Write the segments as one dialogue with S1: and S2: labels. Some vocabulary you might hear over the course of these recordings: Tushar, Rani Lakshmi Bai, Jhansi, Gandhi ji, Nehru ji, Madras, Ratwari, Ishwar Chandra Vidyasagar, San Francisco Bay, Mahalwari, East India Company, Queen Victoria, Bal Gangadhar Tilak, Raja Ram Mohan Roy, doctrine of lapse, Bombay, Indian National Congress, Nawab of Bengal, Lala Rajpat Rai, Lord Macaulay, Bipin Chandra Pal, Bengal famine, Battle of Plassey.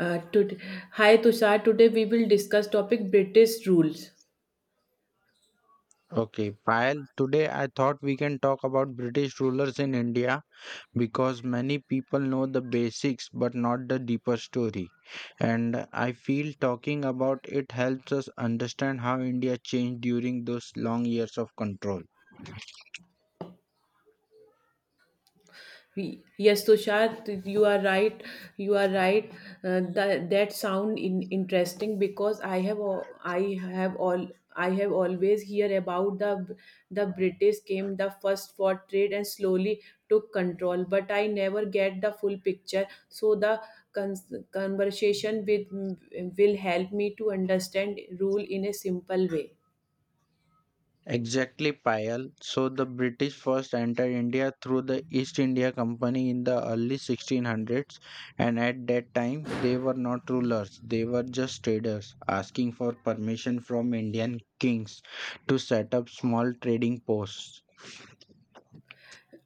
S1: Uh, to- Hi Tushar, today we will discuss topic British rules.
S2: Okay, Payal, today I thought we can talk about British rulers in India because many people know the basics but not the deeper story. And I feel talking about it helps us understand how India changed during those long years of control.
S1: Yes, Tushar, you are right. You are right. That interesting because I have all I have always hear about the British came the first for trade and slowly took control, but I never get the full picture. So the conversation with will help me to understand rule in a simple way.
S2: Exactly, Payal. So the British first entered India through the East India Company in the early 1600s, and at that time they were not rulers, they were just traders asking for permission from Indian kings to set up small trading posts.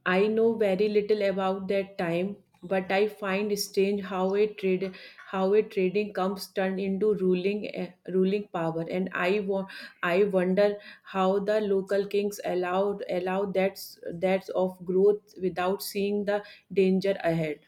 S1: I know very little about that time, but I find strange how a trade how a trading comes turned into ruling power, and I wonder how the local kings allow that of growth without seeing the danger ahead.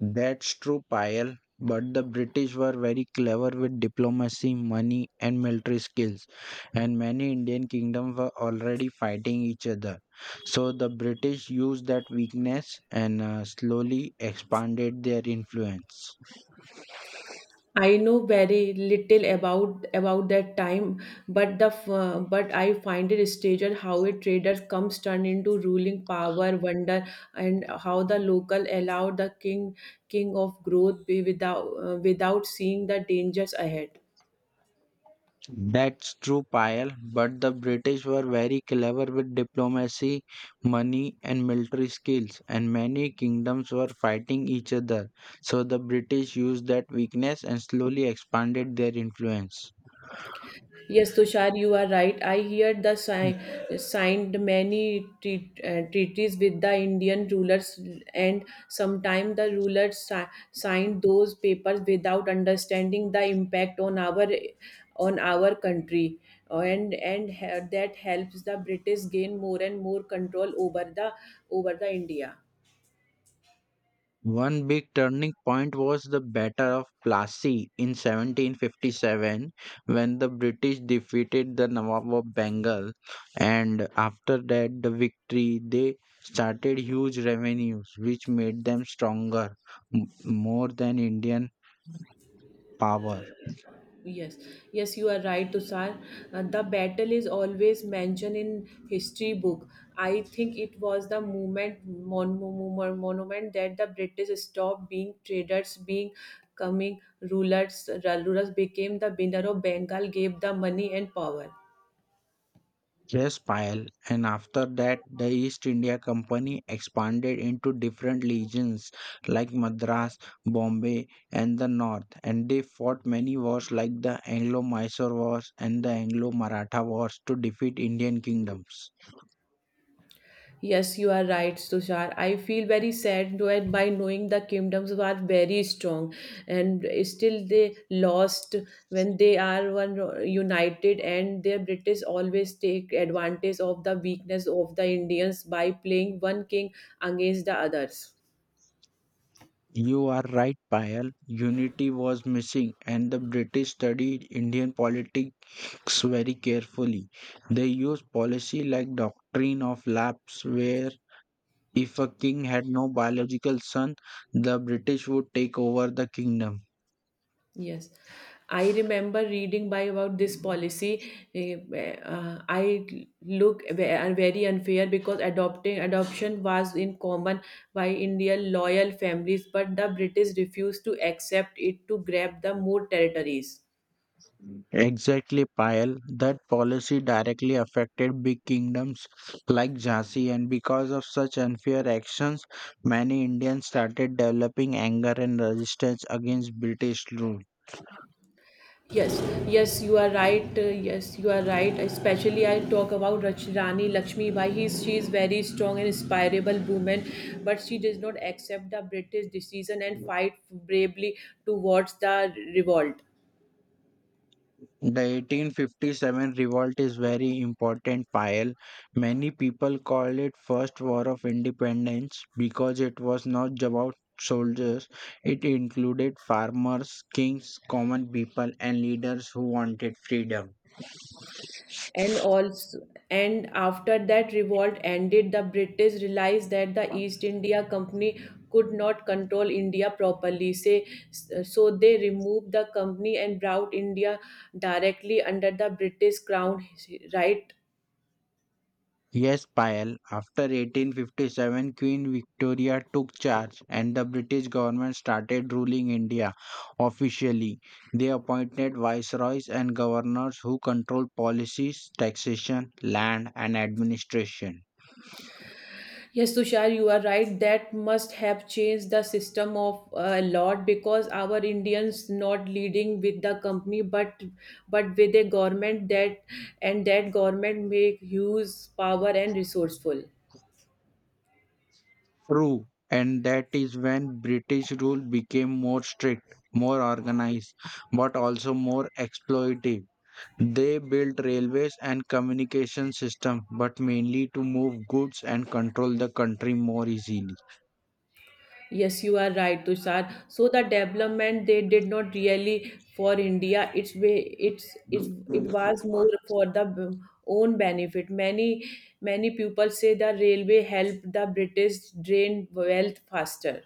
S2: That's true, Payal. But the British were very clever with diplomacy, money, and military skills, and many Indian kingdoms were already fighting each other. So the British used that weakness and slowly expanded their influence.
S1: I know very little about that time, but but I find it strange how a trader comes turn into ruling power wonder and how the local allowed the king king of growth be without seeing the dangers ahead.
S2: That's true, Payal, but the British were very clever with diplomacy, money, and military skills, and many kingdoms were fighting each other. So the British used that weakness and slowly expanded their influence.
S1: Yes, Tushar, you are right. I hear the sign, signed many treaties with the Indian rulers, and sometimes the rulers signed those papers without understanding the impact on our country, and that helps the British gain more and more control over the India.
S2: One big turning point was the Battle of Plassey in 1757 when the British defeated the Nawab of Bengal, and after that, the victory, they started huge revenues, which made them stronger, more than Indian power.
S1: Yes, yes, you are right, Tusar. The battle is always mentioned in history book. I think it was the movement mon- mon- mon- monument that the British stopped being traders, being coming rulers. Rulers became the winner of Bengal, gave the money and power.
S2: Yes, Payal. And after that, the East India Company expanded into different legions like Madras, Bombay, and the North. And they fought many wars like the Anglo Mysore Wars and the Anglo Maratha Wars to defeat Indian kingdoms.
S1: Yes, you are right, Tushar. I feel very sad though, and by knowing the kingdoms were very strong, and still they lost when they are one united, and their British always take advantage of the weakness of the Indians by playing one king against the others.
S2: You are right, Payal. Unity was missing, and the British studied Indian politics very carefully. They used policy like doctrine of lapse, where if a king had no biological son, the British would take over the kingdom.
S1: Yes, I remember reading by about this policy. eh, I look very unfair because adopting adoption was in common by Indian loyal families, but the British refused to accept it to grab the more territories.
S2: Exactly, Payal. That policy directly affected big kingdoms like Jhansi, and because of such unfair actions, many Indians started developing anger and resistance against British rule.
S1: Yes, yes, you are right. Yes, you are right. Especially, I talk about Rani Lakshmi Bai. She is very strong and inspirable woman, but she does not accept the British decision and fight bravely towards the revolt.
S2: The 1857 revolt is very important pile. Many people call it first war of independence because it was not about soldiers. It included farmers, kings, common people and leaders who wanted freedom.
S1: And also and after that revolt ended, the British realized that the East India Company could not control India properly say, so they removed the company and brought India directly under the British crown, right?
S2: Yes, Payal, after 1857, Queen Victoria took charge and the British government started ruling India officially. They appointed viceroys and governors who controlled policies, taxation, land, and administration.
S1: Yes, Tushar, you are right. That must have changed the system of a lot because our Indians not leading with the company, but with a government that and that government make huge power and resourceful.
S2: True, and that is when British rule became more strict, more organized, but also more exploitative. They built railways and communication systems, but mainly to move goods and control the country more easily.
S1: Yes, you are right, Tushar. So the development they did not really for India. It's way it's it was more for own benefit. Many people say the railway helped the British drain wealth faster.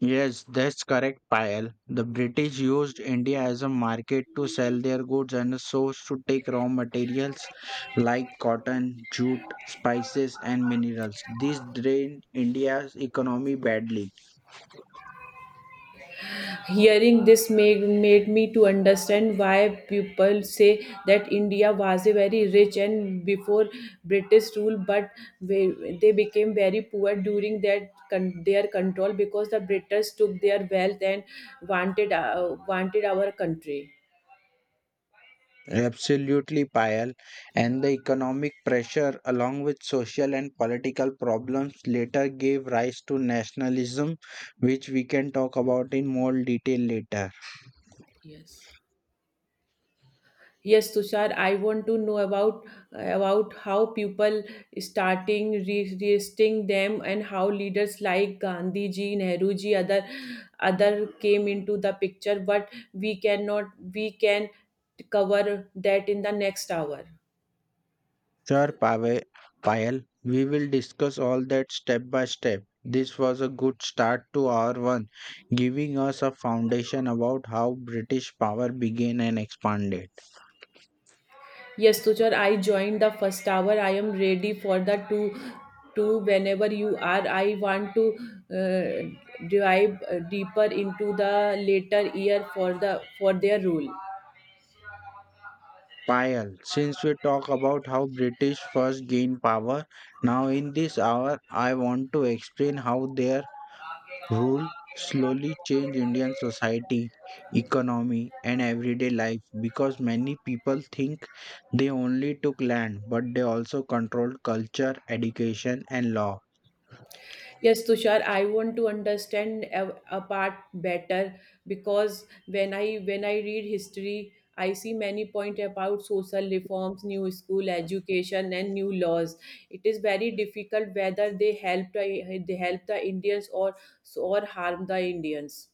S2: Yes, that's correct, Payal. The British used India as a market to sell their goods and a source to take raw materials like cotton, jute, spices, and minerals. This drained India's economy badly.
S1: Hearing made me to understand why people say that India was a very rich and before British rule, but they became very poor during their control because the British took their wealth and wanted our country.
S2: Absolutely, Payal. And the economic pressure, along with social and political problems, later gave rise to nationalism, which we can talk about in more detail later.
S1: Yes. Yes, Tushar, I want to know about how people starting resisting them and how leaders like Gandhi ji, Nehru ji, other came into the picture. But we cannot we can cover that in the next hour.
S2: Sure, Payal, we will discuss all that step by step. This was a good start to our one, giving us a foundation about how British power began and expanded.
S1: Yes, Tushar, I joined the first hour. I am ready for the two whenever you are. I want to dive deeper into the later year for their rule.
S2: Payal, since we talk about how British first gained power, now in this hour I want to explain how their rule slowly changed Indian society, economy and everyday life because many people think they only took land but they also controlled culture, education and law.
S1: Yes, Tushar, I want to understand a part better because when I read history, I see many point about social reforms, new school education, and new laws. It is very difficult whether they help the Indians or harm the Indians.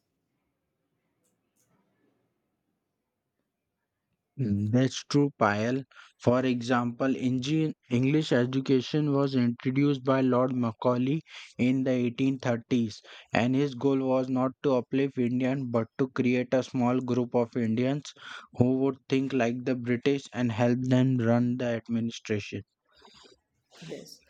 S2: Mm, that's true, Payal. For example, English education was introduced by Lord Macaulay in the 1830s, and his goal was not to uplift Indians but to create a small group of Indians who would think like the British and help them run the administration.
S1: Yes.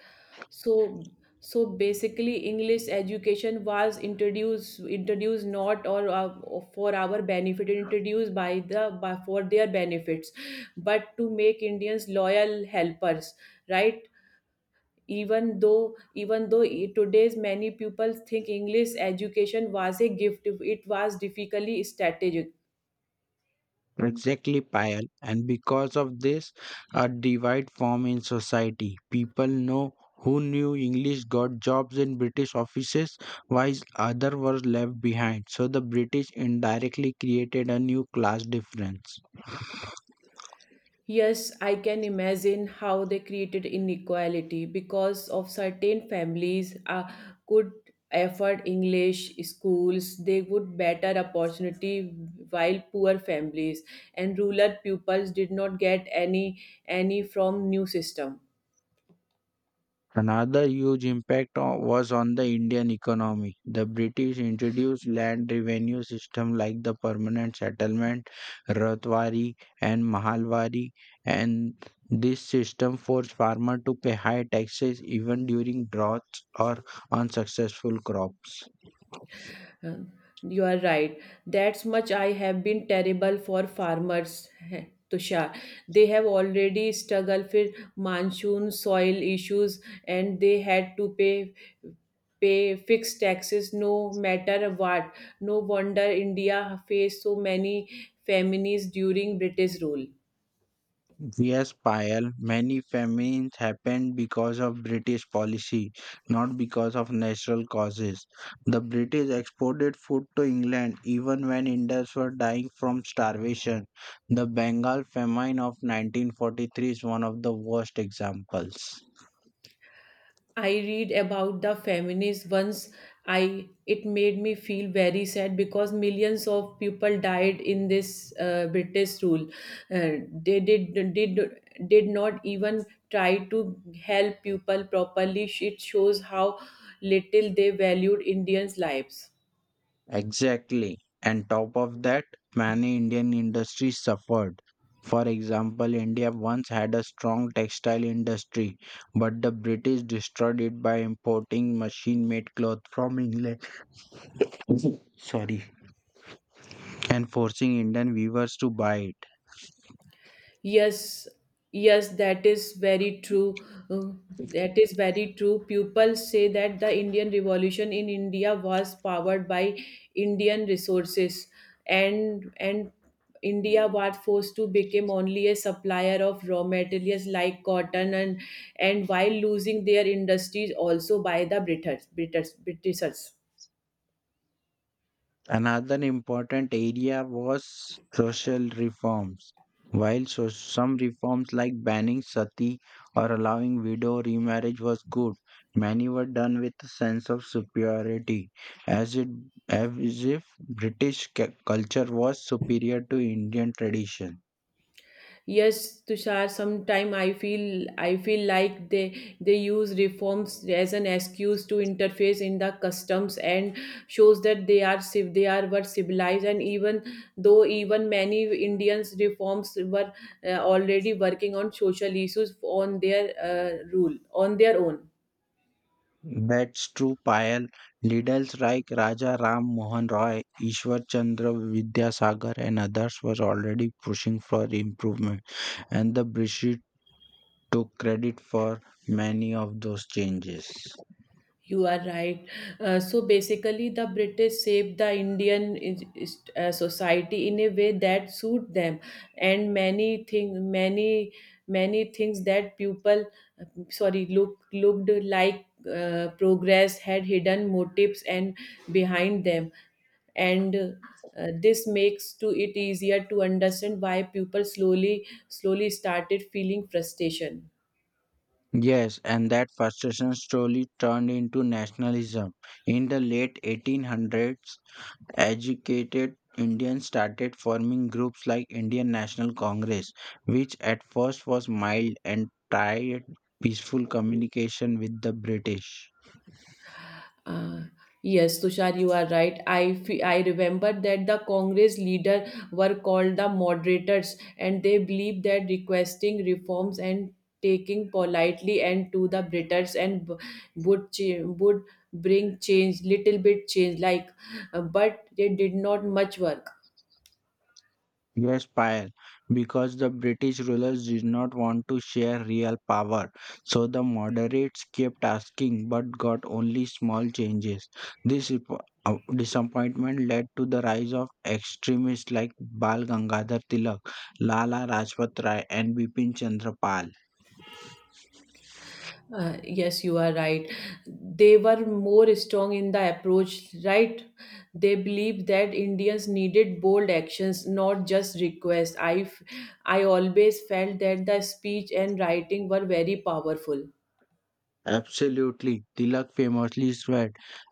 S1: So so basically English education was introduced not or for our benefit introduced for their benefits but to make Indians loyal helpers, right? Even though today's many people think English education was a gift. It was difficultly strategic.
S2: Exactly, Payal. And because of this, a divide form in society. People know who knew English got jobs in British offices, while others were left behind. So the British indirectly created a new class difference.
S1: Yes, I can imagine how they created inequality because of certain families could afford English schools, they would better opportunity while poor families and rural pupils did not get any from new system.
S2: Another huge impact was on the Indian economy. The British introduced land revenue system like the permanent settlement, Ratwari and Mahalwari, and this system forced farmer to pay high taxes even during droughts or unsuccessful crop.
S1: Uh, you are right. That's much I have been terrible for farmers. Tushar, they have already struggled with monsoon, soil issues, and they had to pay fixed taxes no matter what. No wonder India faced so many famines during British rule.
S2: Yes, Payal, many famines happened because of British policy, not because of natural causes. The British exported food to England even when Indians were dying from starvation. The Bengal famine of 1943 is one of the worst examples.
S1: I read about the feminists once, I it made me feel very sad because millions of people died in this British rule. They did not even try to help people properly. It shows how little they valued Indians' lives.
S2: Exactly. And top of that, many Indian industries suffered. For example, India once had a strong textile industry, but the British destroyed it by importing machine made cloth from England. Sorry. And forcing Indian weavers to buy it.
S1: Yes, yes, that is very true. Uh, that is very true. People say that the Indian revolution in India was powered by Indian resources, and India was forced to become only a supplier of raw materials like cotton and while losing their industries also by the british britishers.
S2: Another important area was social reforms. While so some reforms like banning sati or allowing widow remarriage was good, many were done with a sense of superiority, as it as if British culture was superior to Indian tradition.
S1: Yes, Tushar, sometime I feel like they use reforms as an excuse to interface in the customs and shows that they they are were civilized, and even many Indians reforms were already working on social issues on their rule on their own.
S2: That's true. Payal, Liddell's Reich, Raja Ram Mohan Roy, Ishwar Chandra Vidyasagar, and others were already pushing for improvement and the British took credit for many of those changes.
S1: You are right. So basically, the British shaped the Indian society in a way that suit them, and many things that people, sorry, look looked like progress had hidden motives and behind them, and this makes to it easier to understand why people slowly started feeling frustration.
S2: Yes, and that frustration slowly turned into nationalism. In the late 1800s, educated Indians started forming groups like Indian National Congress, which at first was mild and tried peaceful communication with the British.
S1: Uh, yes, Tushar, you are right. I remember that the Congress leader were called the moderators, and they believed that requesting reforms and taking politely and to the Britons and would would bring change, little bit change, like, but they did not much work.
S2: Yes, Payal, because the British rulers did not want to share real power, so the moderates kept asking but got only small changes. This ip- disappointment led to the rise of extremists like Bal Gangadhar Tilak, Lala Rajpat Rai, and Bipin Chandra Pal.
S1: Yes, you are right. They were more strong in the approach, right? They believed that Indians needed bold actions, not just requests. I always felt that the speech and writing were very powerful.
S2: Absolutely. Tilak famously said,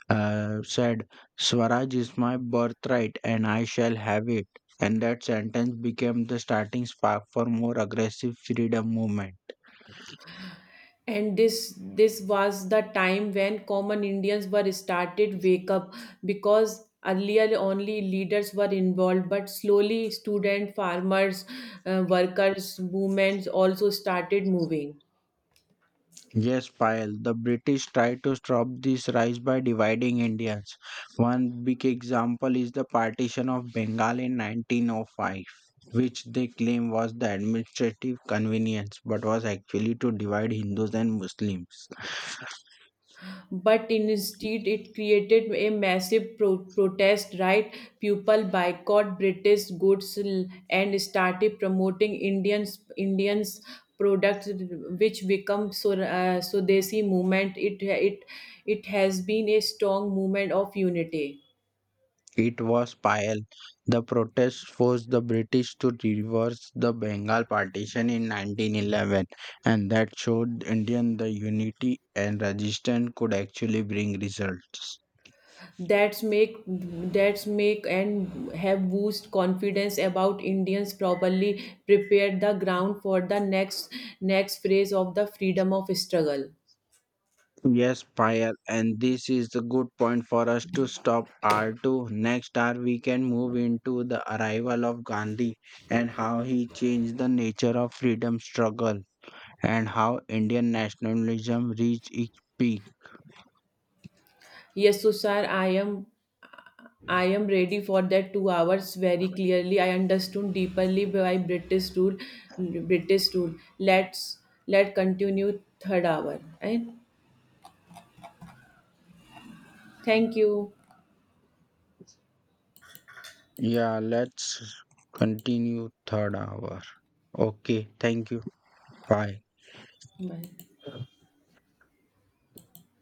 S2: uh, said, Swaraj is my birthright and I shall have it. And that sentence became the starting spark for more aggressive freedom movement.
S1: And this was the time when common Indians were started wake up because earlier only leaders were involved, but slowly student, farmers, workers, movements also started moving.
S2: Yes, Payal, the British tried to stop this rise by dividing Indians. One big example is the partition of Bengal in 1905, which they claim was the administrative convenience but was actually to divide Hindus and Muslims.
S1: But instead it created a massive protest, right? People boycott british goods and started promoting indians products, which become so sodesi movement. It it has been a strong movement of unity.
S2: It was Payal. The protests forced the British to reverse the Bengal partition in 1911, and that showed Indian the unity and resistance could actually bring results.
S1: That's make that's make and have boost confidence about indians, probably prepare the ground for the next phase of the freedom of struggle.
S2: Yes, Payal, and this is a good point for us to stop R2. Next hour, we can move into the arrival of Gandhi and how he changed the nature of freedom struggle and how Indian nationalism reached its peak.
S1: Yes, so sir, I am ready for that 2 hours very clearly. I understood deeply by British rule. Let continue third hour. Right? Thank you.
S2: Yeah, let's continue third hour. Okay, thank you. Bye.
S1: Bye.